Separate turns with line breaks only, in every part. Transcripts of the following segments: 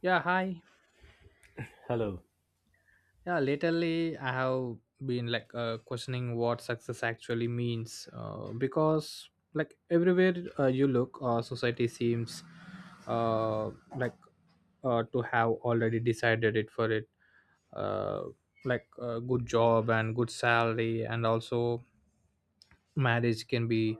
Yeah, hi.
Hello.
Yeah, lately I have been questioning what success actually means because like everywhere, you look, society seems uh, like to have already decided it for it, uh, like a good job and good salary, and also marriage can be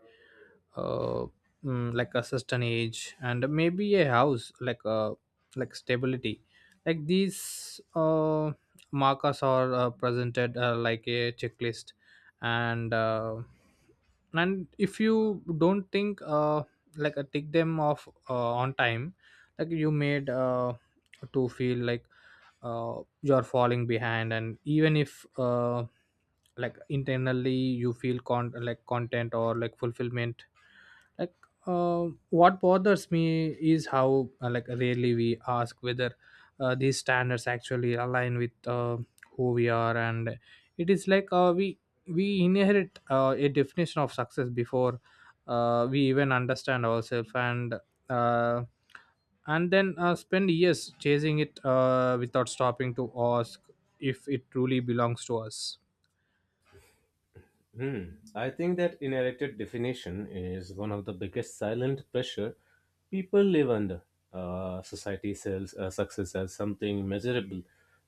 uh, like a certain age, and maybe a house, like a like stability. Like these markers are presented like a checklist, and uh, and if you don't think, tick them off on time, like you made to feel like uh, you're falling behind. And even if like internally you feel like content or like fulfillment, like what bothers me is how like rarely we ask whether these standards actually align with who we are. And it is like we inherit a definition of success before we even understand ourselves, uh, and then spend years chasing it without stopping to ask if it truly belongs to us.
Hmm. I think that inherited definition is one of the biggest silent pressure people live under. Society sells success as something measurable,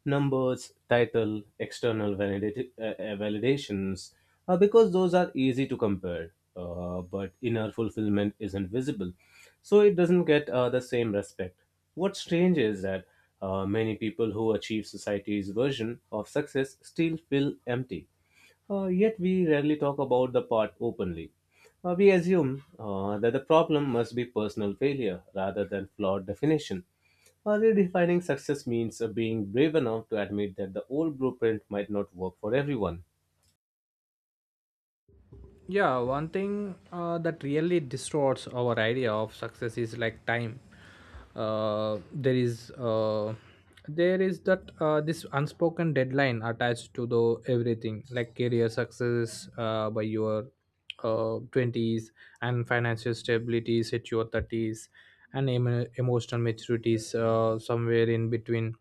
numbers, title, external validations, because those are easy to compare. But inner fulfillment isn't visible, so it doesn't get the same respect. What's strange is that many people who achieve society's version of success still feel empty. Yet we rarely talk about the part openly. We assume that the problem must be personal failure rather than flawed definition. Redefining success means being brave enough to admit that the old blueprint might not work for everyone.
Yeah, one thing that really distorts our idea of success is like time. Uh, there is uh, there is that this unspoken deadline attached to the everything, like career success by your 20s, and financial stability at your 30s, and emotional maturities somewhere in between.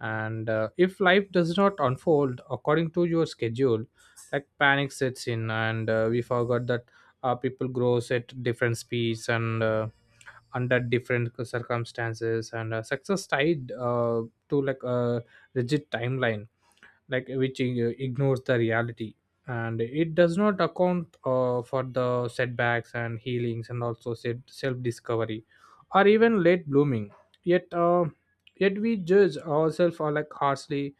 And if life does not unfold according to your schedule, like panic sets in, and we forgot that people grows at different speeds, and under different circumstances, and success tied to like a rigid timeline, like which ignores the reality, and it does not account for the setbacks and healings and also self discovery or even late blooming. Yet uh, yet we judge ourselves like harshly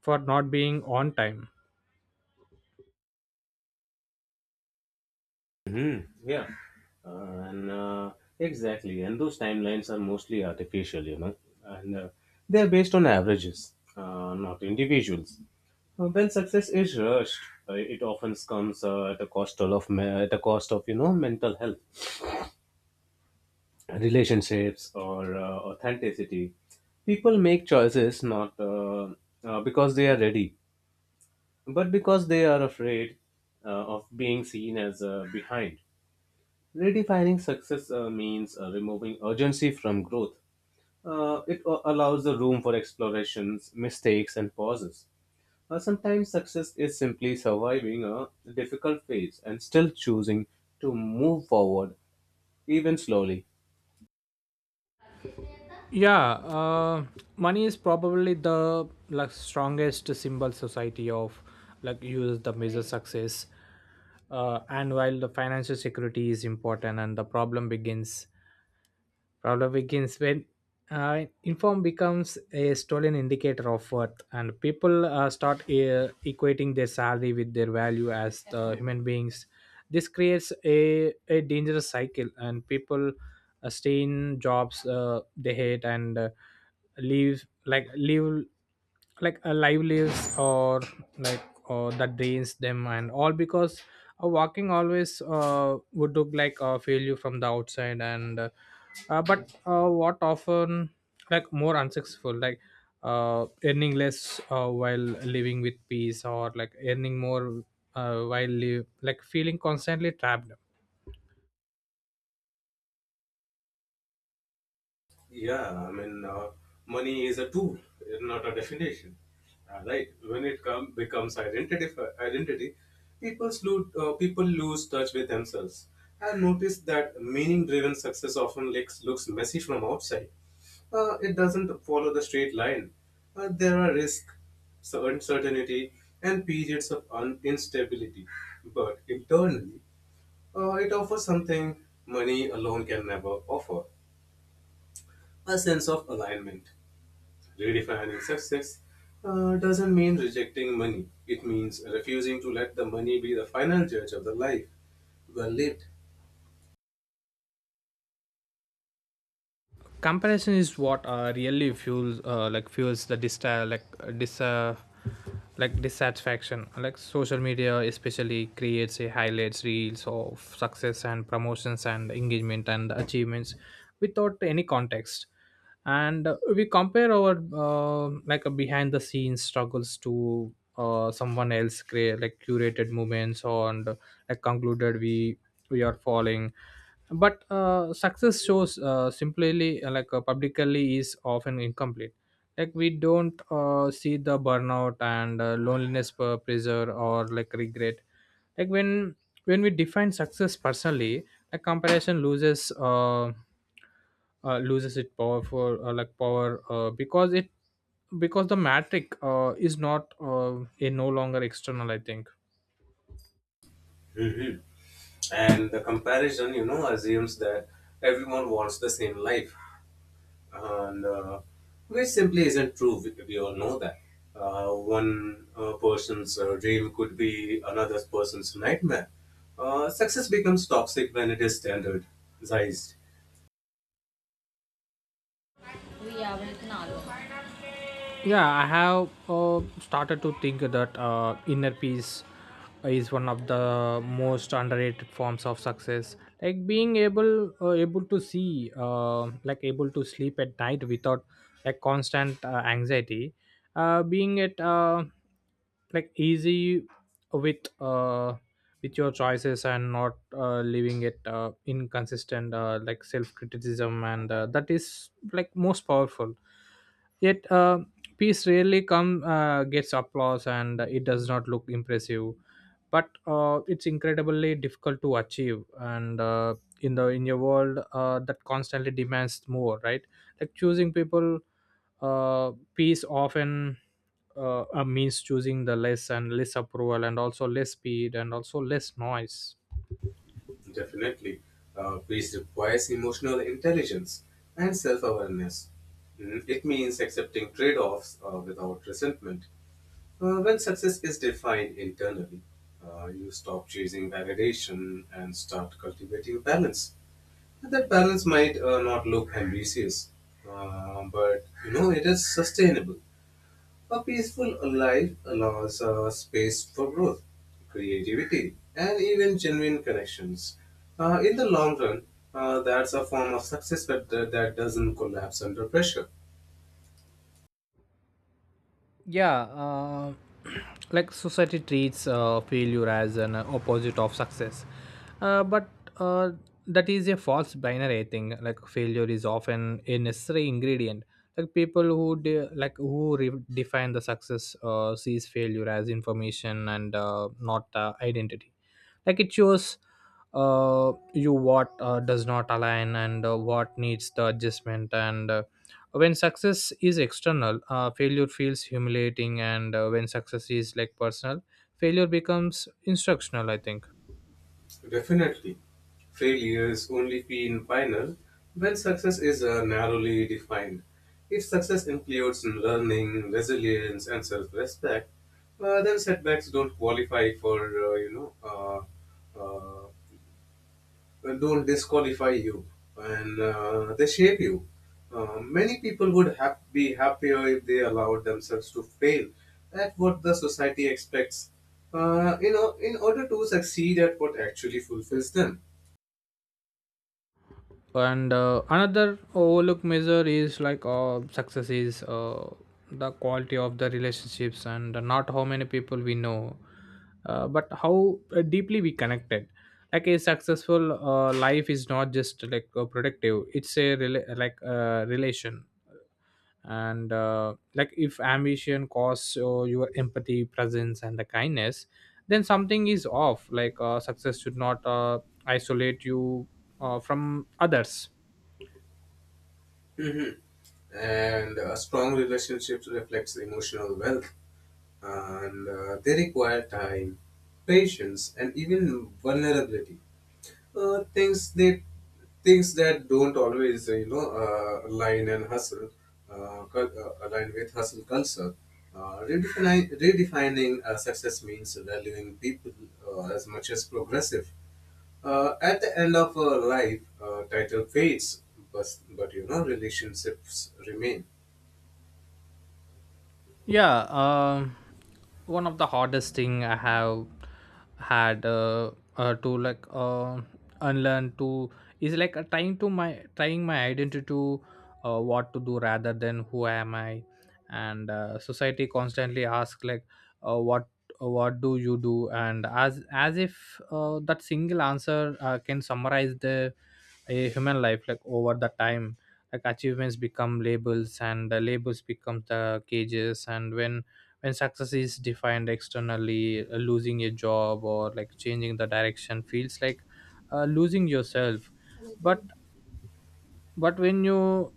for not being on time.
Hmm. Yeah, and exactly. And those timelines are mostly artificial, you know, and they are based on averages, not individuals. When success is rushed, it often comes at the at the cost of, you know, mental health, relationships, or authenticity. People make choices not because they are ready, but because they are afraid of being seen as behind. Redefining success means removing urgency from growth. It allows the room for explorations, mistakes, and pauses. Sometimes success is simply surviving a difficult phase and still choosing to move forward, even slowly.
Yeah, uh, money is probably the like strongest symbol society of like use the measure success, and while the financial security is important, and the problem begins Problem begins when inform becomes a stolen indicator of worth, and people start equating their salary with their value as the human beings. This creates a dangerous cycle, and people stay in jobs they hate, and leave like a livelihoods or like or that drains them, and all because walking always would look like a failure from the outside. And uh, uh, but uh, what often like more unsuccessful, like earning less while living with peace, or like earning more while like feeling constantly trapped.
Yeah, I mean, money is a tool, not a definition. Right? When it becomes identity, people lose touch with themselves and notice that meaning-driven success often looks messy from outside. It doesn't follow the straight line. There are risks, so uncertainty, and periods of instability. But internally, it offers something money alone can never offer, a sense of alignment. Redefining success doesn't mean rejecting money. It means refusing to let the money be the final judge of the life well lived.
Comparison is what really fuels the distal, like dis like dissatisfaction. Like social media especially creates a highlights reels of success and promotions and engagement and achievements without any context, and we compare our like a behind the scenes struggles to someone else create like curated moments or and like concluded we are falling. But success shows simply publicly is often incomplete. Like we don't see the burnout, and loneliness per pressure or like regret. Like when when we define success personally, a comparison loses loses its power, because it, because the metric is not a no longer external, I think.
Mhm. And the comparison, you know, assumes that everyone wants the same life, and which simply isn't true. We all know that. One person's dream could be another person's nightmare. Success becomes toxic when it is standardized.
Yeah, I have started to think that inner peace is one of the most underrated forms of success. Like being able to see like able to sleep at night without like constant anxiety, being at like easy with uh, with your choices, and not leaving it inconsistent like self criticism, and that is like most powerful. Yet, peace rarely come gets applause, and it does not look impressive. But it's incredibly difficult to achieve, and in the in your world that constantly demands more, right? Like choosing people, peace often means choosing the less and less approval, and also less speed, and also less noise.
Definitely, peace requires emotional intelligence and self awareness. It means accepting trade offs without resentment. When success is defined internally, you stop chasing validation and start cultivating balance. And that balance might not look ambitious, but you know it is sustainable. A peaceful life allows space for growth, creativity, and even genuine connections. In the long run, that's a form of success that doesn't collapse under pressure.
Yeah, like society treats failure as an opposite of success, but uh, that is a false binary thing. Like failure is often a necessary ingredient. Like people like who redefine the success sees failure as information, and not identity. Like it shows you what does not align, and what needs the adjustment, and when success is external, failure feels humiliating, and when success is like personal, failure becomes instructional, I think.
Definitely. Failures only feel final when success is narrowly defined. If success includes learning, resilience, and self-respect, then setbacks don't qualify for you know uh, uh, don't disqualify you, and they shape you. Many people would hap be happier if they allowed themselves to fail at what the society expects, you know, in order to succeed at what actually fulfills them.
And another overlook measure is like success is the quality of the relationships, and not how many people we know, but how deeply we connected. Like a successful life is not just like productive, it's a relation. And like if ambition costs your empathy presence and the kindness, then something is off. Like success should not isolate you from others.
Mhm. And strong relationships reflects emotional wealth, and they require time, patience, and even vulnerability. Uh, things that Things that don't always you know align and hustle cul- align with hustle culture. Redefining success means valuing people as much as progressive. At the end of life, title fades, but you know relationships remain.
Yeah, one of the hardest thing I have had to like unlearn to is like trying my identity to what to do rather than who am I. And society constantly asks like uh, what what do you do, and as if that single answer can summarize the a human life. Like over the time, like achievements become labels, and the labels become the cages. And when success is defined externally, losing a job or like changing the direction feels like losing yourself. But but when you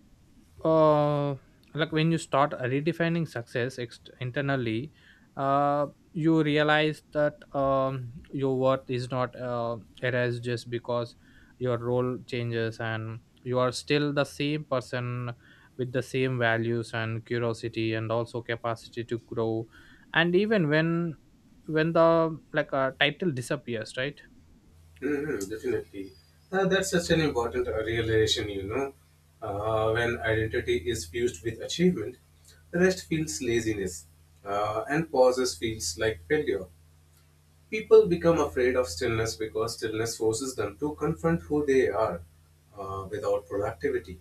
uh, when you start redefining success internally, uh, you realize that your worth is not erased just because your role changes, and you are still the same person with the same values and curiosity, and also capacity to grow and even when the like a title disappears, right?
Mm-hmm, definitely. That's such an important realization, you know. When identity is fused with achievement, rest feels laziness, and pauses feels like failure. People become afraid of stillness because stillness forces them to confront who they are without productivity.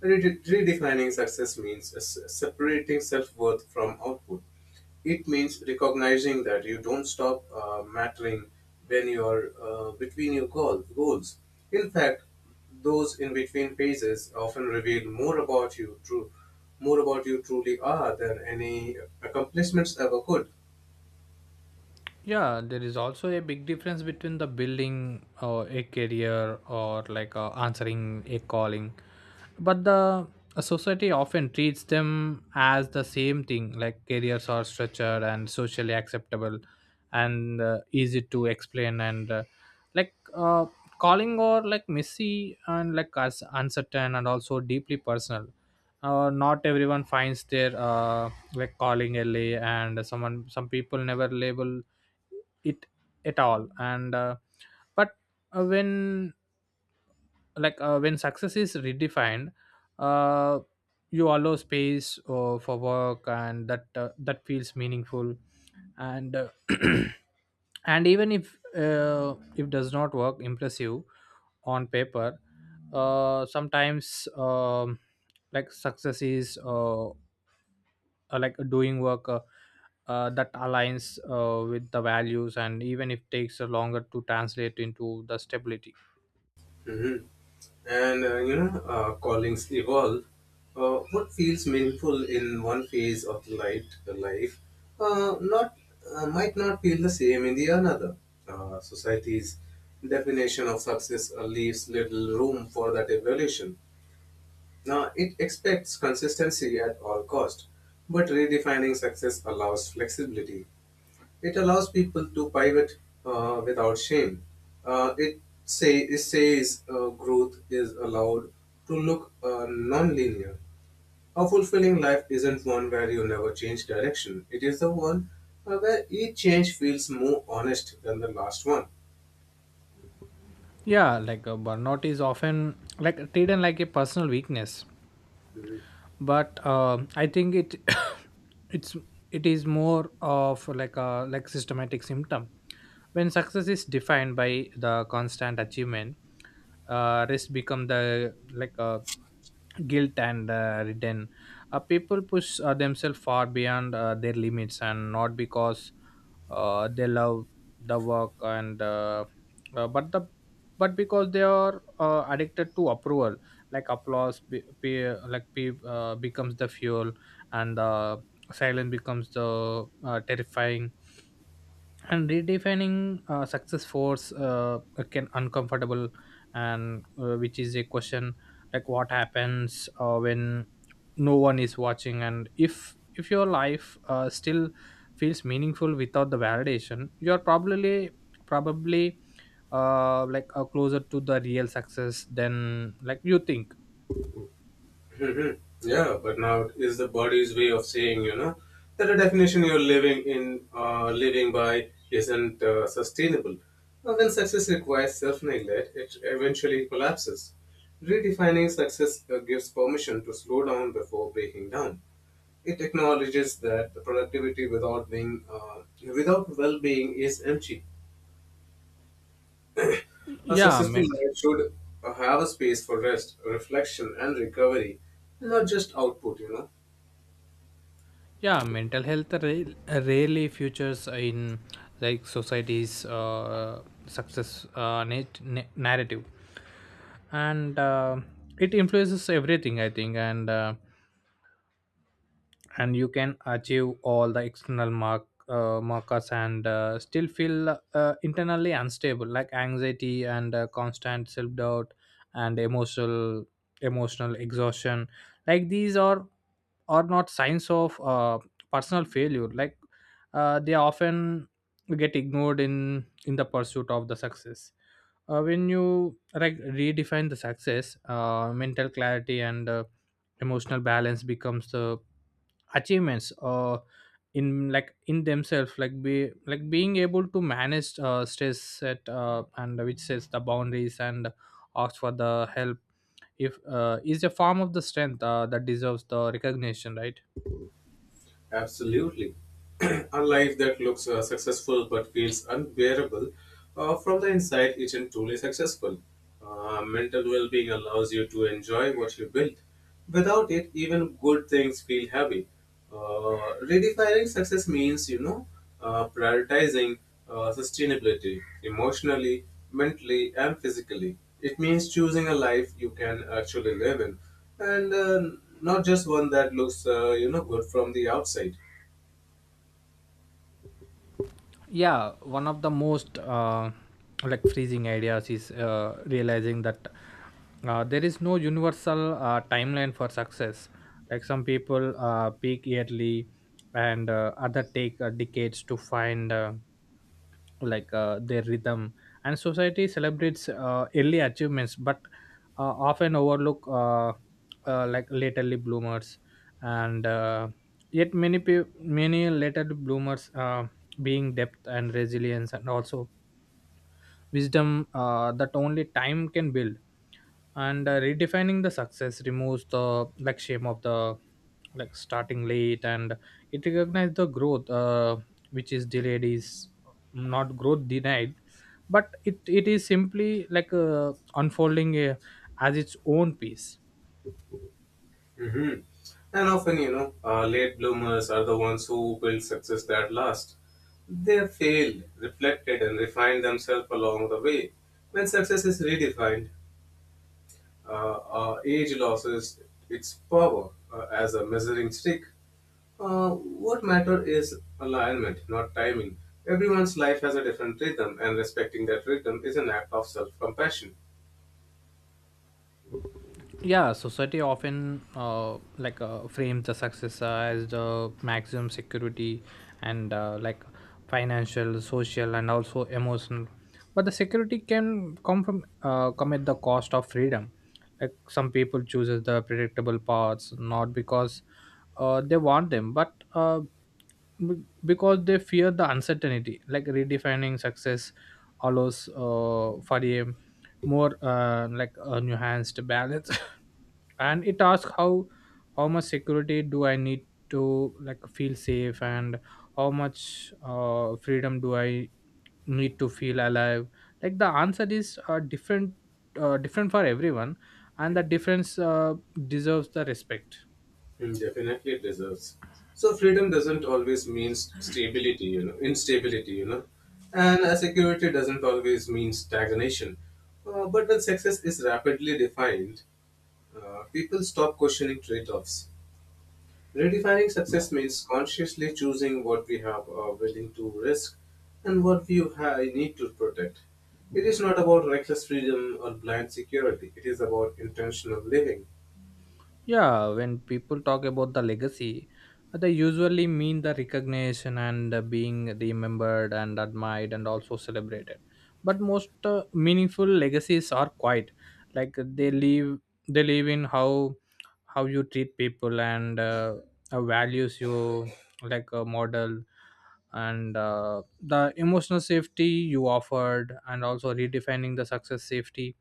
Redefining success means separating self worth from output. It means recognizing that you don't stop mattering when you are between your goals. In fact, those in between phases often reveal more about you truly are than any accomplishments ever could.
Yeah, there is also a big difference between the building or a career, or like answering a calling. But the uh, society often treats them as the same thing. Like careers are structured and socially acceptable, and easy to explain, and like uh, calling or like messy, and like us uncertain, and also deeply personal. Not everyone finds their like calling LA, and someone some people never label it at all. And uh, but uh, when when success is redefined, uh, you allow space for work and that that feels meaningful, and and even if does not work impressive on paper. Sometimes like success is like doing work that aligns with the values, and even if takes a longer to translate into the stability.
Hmm. And you know, callings evolve. What feels meaningful in one phase of the light life, not might not feel the same in the another. Society's definition of success leaves little room for that evolution. Now it expects consistency at all cost, but redefining success allows flexibility. It allows people to pivot without shame. It says growth is allowed to look non-linear. A fulfilling life isn't one where you never change direction. It is the one where each change feels more honest than the last one.
Yeah, burnout is often like treated like a personal weakness, but I think it it's it is more of like a like systematic symptom. When success is defined by the constant achievement, risk become the like a guilt, and return, people push themselves far beyond their limits, and not because they love the work, and but the but because they are addicted to approval. Like applause becomes the fuel, and the silence becomes the terrifying. And redefining success force can uncomfortable, and which is a question, like what happens when no one is watching. And if your life still feels meaningful without the validation, you're probably closer to the real success than like you think.
Hmm. Yeah, but now is the body's way of saying, you know, that the definition you're living by, isn't sustainable. Now, when success requires self-neglect, it eventually collapses. Redefining success gives permission to slow down before breaking down. It acknowledges that the productivity without well-being is empty. A
yeah
successful
men-
life should have a space for rest, reflection, and recovery, not just output. You know.
yeah, mental health rarely features in like society's success narrative, and it influences everything, I think. And and you can achieve all the external markers, and still feel internally unstable, like anxiety, and constant self doubt, and emotional exhaustion. Like these are not signs of personal failure. Like they often get ignored in the pursuit of the success. When you like redefine the success, mental clarity, and emotional balance becomes the achievements in themselves. Like be like being able to manage stress at and which sets the boundaries and asks for the help if is a form of the strength that deserves the recognition, right?
Absolutely. A life that looks successful but feels unbearable from the inside isn't truly successful. Mental well being allows you to enjoy what you build. Without it, even good things feel heavy. Redefining success means, you know, prioritizing sustainability emotionally, mentally, and physically. It means choosing a life you can actually live in and not just one that looks you know good from the outside.
Yeah, one of the most like freezing ideas is realizing that there is no universal timeline for success. Like some people peak yearly, and other take decades to find their rhythm. And society celebrates early achievements, but often overlook like laterly bloomers, and yet many laterly bloomers being depth and resilience, and also wisdom that only Time can build, and redefining the success removes the shame of the starting late, and it recognizes the growth, which is delayed is not growth denied, but it is simply unfolding as its own piece.
Hmm. And often you know late bloomers are the ones who build success that lasts. They have failed, reflected and refined themselves along the way. When success is redefined, age loses its power as a measuring stick. What matter is alignment, not timing. Everyone's life has a different rhythm and respecting that rhythm is an act of self-compassion.
Yeah, society often frames the success as the maximum security, and financial, social, and also emotional. But the security can come from come at the cost of freedom. Like, some people chooses the predictable paths, not because they want them, but because they fear the uncertainty. Like, redefining success allows for a more a nuanced balance. And it asks how much security do I need to feel safe, and how much freedom do I need to feel alive. Like, the answer is different, different for everyone, and the difference deserves the respect.
Mm, definitely it deserves. So freedom doesn't always mean stability, you know, instability, you know, and security doesn't always mean stagnation. But when success is rapidly defined, people stop questioning trade-offs. Redefining success means consciously choosing what we have are willing to risk and what we need to protect. It is not about reckless freedom or blind security. It is about intentional living.
Yeah, when people talk about the legacy, they usually mean the recognition and being remembered and admired and also celebrated. But most meaningful legacies are quite like they leave, they live in how you treat people and values you a model, and the emotional safety you offered, and also redefining the success safety,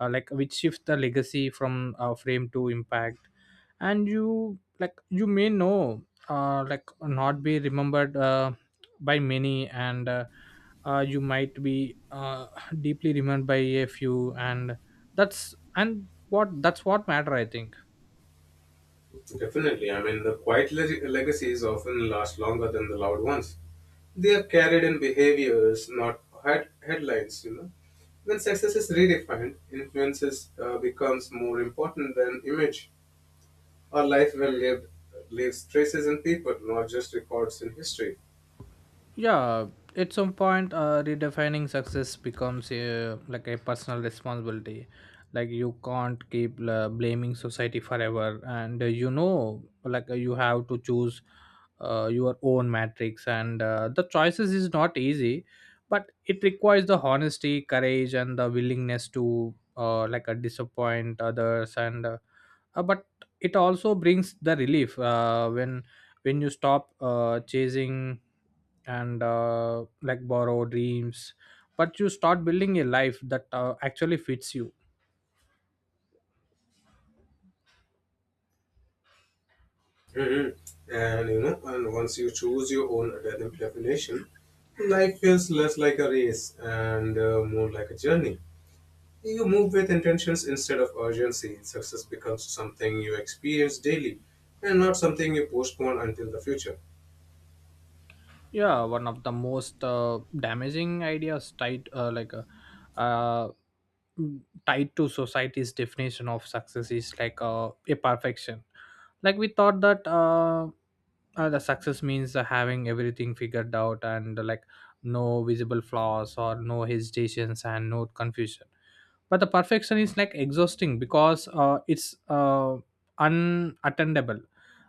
like which shift the legacy from frame to impact. And you you may know, like not be remembered by many, and you might be deeply remembered by a few, and that's, and what that's what matter, I think.
Definitely. I mean, the quiet legacies often last longer than the loud ones. They are carried in behaviors, not headlines, you know. When success is redefined, influences becomes more important than image. Our life well lived leaves traces in people, not just records in history.
Yeah, at some point redefining success becomes a a personal responsibility. Like, you can't keep blaming society forever, and you know, you have to choose your own matrix, and the choices is not easy, but it requires the honesty, courage, and the willingness to disappoint others, and but it also brings the relief when you stop chasing and borrow dreams, but you start building a life that actually fits you.
Hmm. And you know, and once you choose your own definition, life feels less like a race and more like a journey. You move with intentions instead of urgency. Success becomes something you experience daily and not something you postpone until the future.
Yeah, one of the most damaging ideas tied uh, tied to society's definition of success is a perfection. Like, we thought that the success means having everything figured out, and no visible flaws or no hesitations and no confusion. But the perfection is like exhausting, because it's unattainable.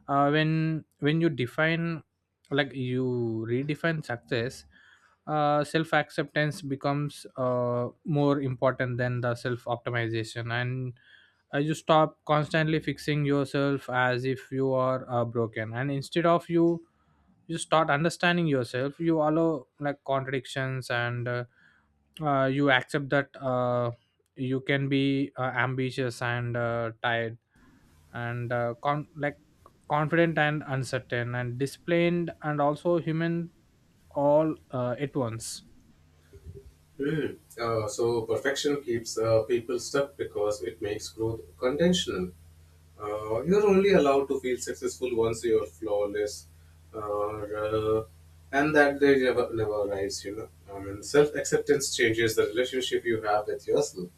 When you define, like, you redefine success, self acceptance becomes more important than the self optimization, and you stop constantly fixing yourself as if you are broken, and instead of you, you start understanding yourself, you allow like contradictions, and you accept that you can be ambitious and tired, and confident and uncertain and disciplined and also human, all at once.
Hmm. So, perfection keeps people stuck because it makes growth conditional. You're only allowed to feel successful once you're flawless, or, uh, and that day never arrives, you know. I mean, self acceptance changes the relationship you have with yourself,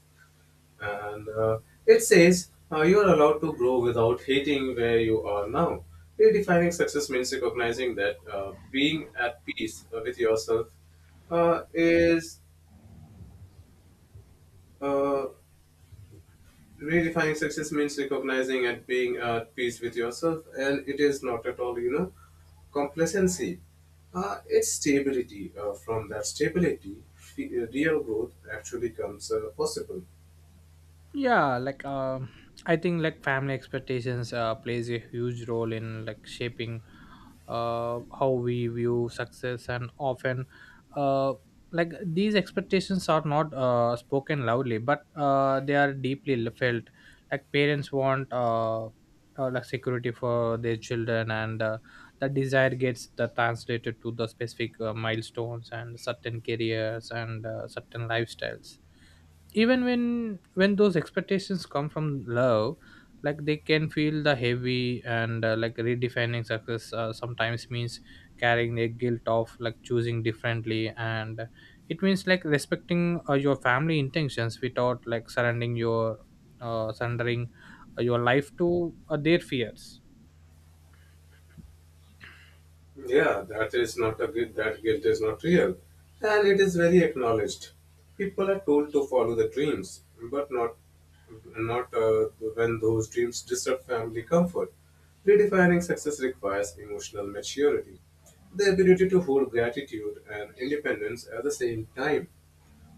and it says you are allowed to grow without hating where you are now. Redefining success means recognizing that being at peace with yourself is uh, Redefining success means recognizing and being at peace with yourself, and it is not at all you know complacency. It's stability. From that stability, real growth actually comes possible.
Yeah, I think like family expectations plays a huge role in like shaping how we view success, and often uh like these expectations are not spoken loudly, but they are deeply felt. Like parents want like security for their children, and the desire gets the translated to the specific milestones and certain careers and certain lifestyles. Even when those expectations come from love, like they can feel the heavy, and like redefining success sometimes means carrying the guilt of like choosing differently. And it means like respecting your family intentions without like surrendering your life to their fears.
Yeah, that guilt is not real, and it is very acknowledged. People are told to follow the dreams, but not when those dreams disrupt family comfort. Redefining success requires emotional maturity, the ability to hold gratitude and independence at the same time.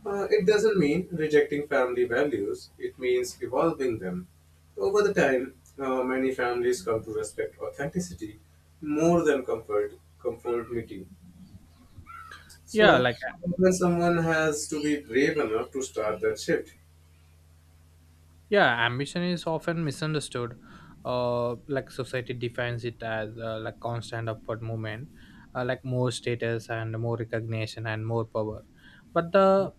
It doesn't mean rejecting family values, it means evolving them. Over the time, many families come to respect authenticity more than conformity.
yeah
So,
like
when someone has to be brave enough to start that shift.
yeah, ambition is often misunderstood. Like society defines it as like constant upward movement, like more status and more recognition and more power. But the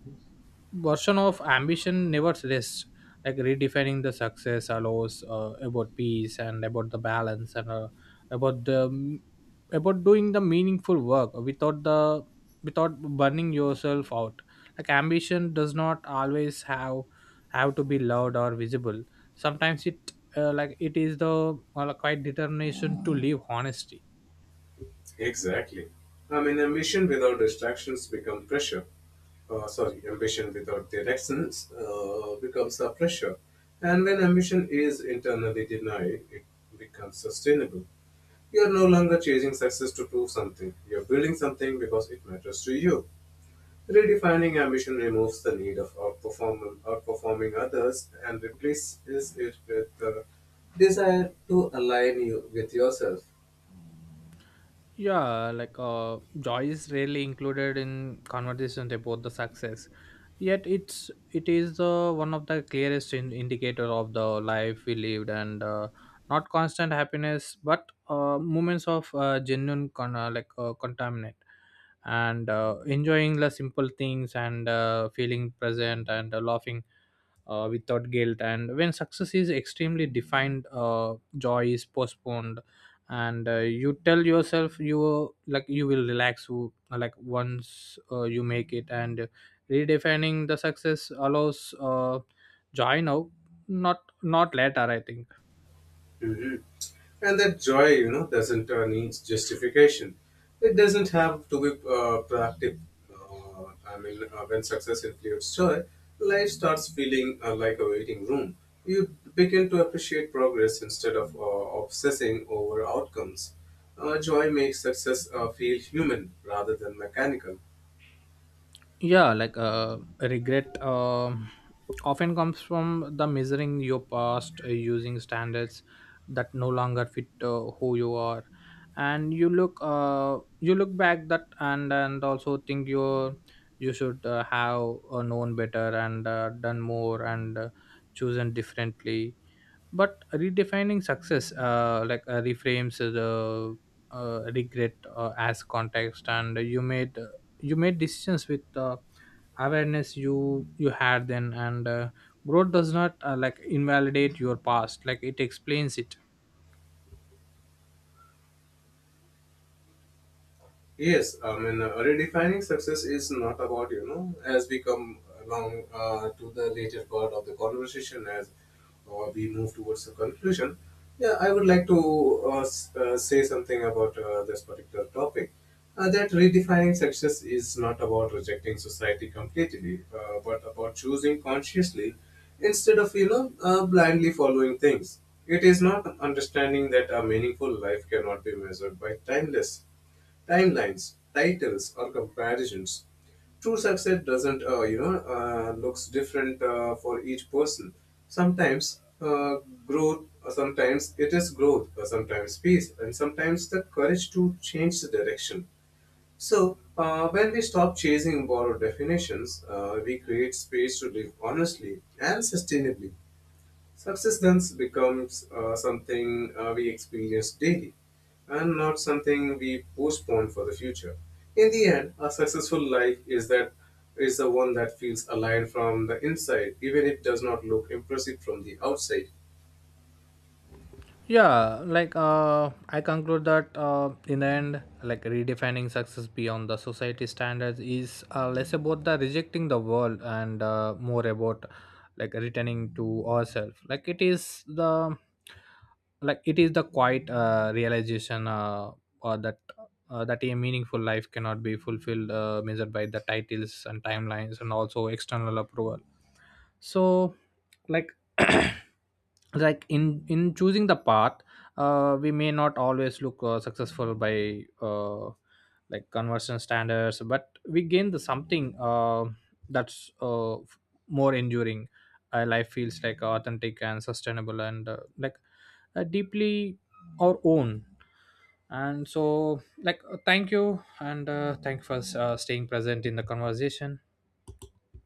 version of ambition never rests. Like, redefining the success allows about peace and about the balance, and about the about doing the meaningful work without the, without burning yourself out. Like, ambition does not always have to be loud or visible. Sometimes it it is the quite determination to live honesty.
Exactly. I mean, ambition without directions becomes a pressure. And when ambition is internally denied, it becomes sustainable. You're no longer chasing success to prove something. You're building something because it matters to you. Redefining ambition removes the need of outperforming others and replaces it with the desire to align you with yourself.
Yeah, like joy is rarely included in conversations about the success, yet it is the one of the clearest indicator of the life we lived, and not constant happiness, but moments of genuine contaminant, and enjoying the simple things, and feeling present, and laughing without guilt. And when success is extremely defined, joy is postponed, and you tell yourself you you will relax once you make it. And redefining the success allows joy now, not, not later, I think.
Mhm. And that joy you know doesn't need justification. It doesn't have to be productive. Uh, i mean uh, when success includes joy, life starts feeling like a waiting room. You begin to appreciate progress instead of obsessing over outcomes. Joy makes success feel human rather than mechanical.
Yeah, like regret often comes from the measuring your past using standards that no longer fit who you are. And you look back that, and also think you, you should have known better, and done more, and chosen differently. But redefining success reframes the regret as context. And you made decisions with awareness you, you had then, and growth does not invalidate your past, like it explains it.
Yes, I mean, redefining success is not about, you know, as we come along to the later part of the conversation, as we move towards the conclusion, yeah, I would like to say something about this particular topic. That redefining success is not about rejecting society completely, but about choosing consciously instead of, you know, blindly following things. It is not understanding that a meaningful life cannot be measured by timeless Timelines, titles, or comparisons. True success doesn't, you know, looks different for each person. Sometimes uh, Sometimes it is growth, sometimes peace, and sometimes the courage to change the direction. So, when we stop chasing borrowed definitions, we create space to live honestly and sustainably. Success thus becomes something we experience daily and not something we postpone for the future. In the end, a successful life is the one that feels aligned from the inside, even if it does not look impressive from the outside.
Yeah, like I conclude that in the end, like redefining success beyond the society standards is less about the rejecting the world, and more about like returning to ourselves. Like, it is the, like it is the quiet realization or that that a meaningful life cannot be fulfilled, measured by the titles and timelines and also external approval. So, like like in choosing the path, we may not always look successful by like conversion standards, but we gain the something that's more enduring. Life feels like authentic and sustainable, and deeply our own. And so, like, thank you, and thank you for staying present in the conversation.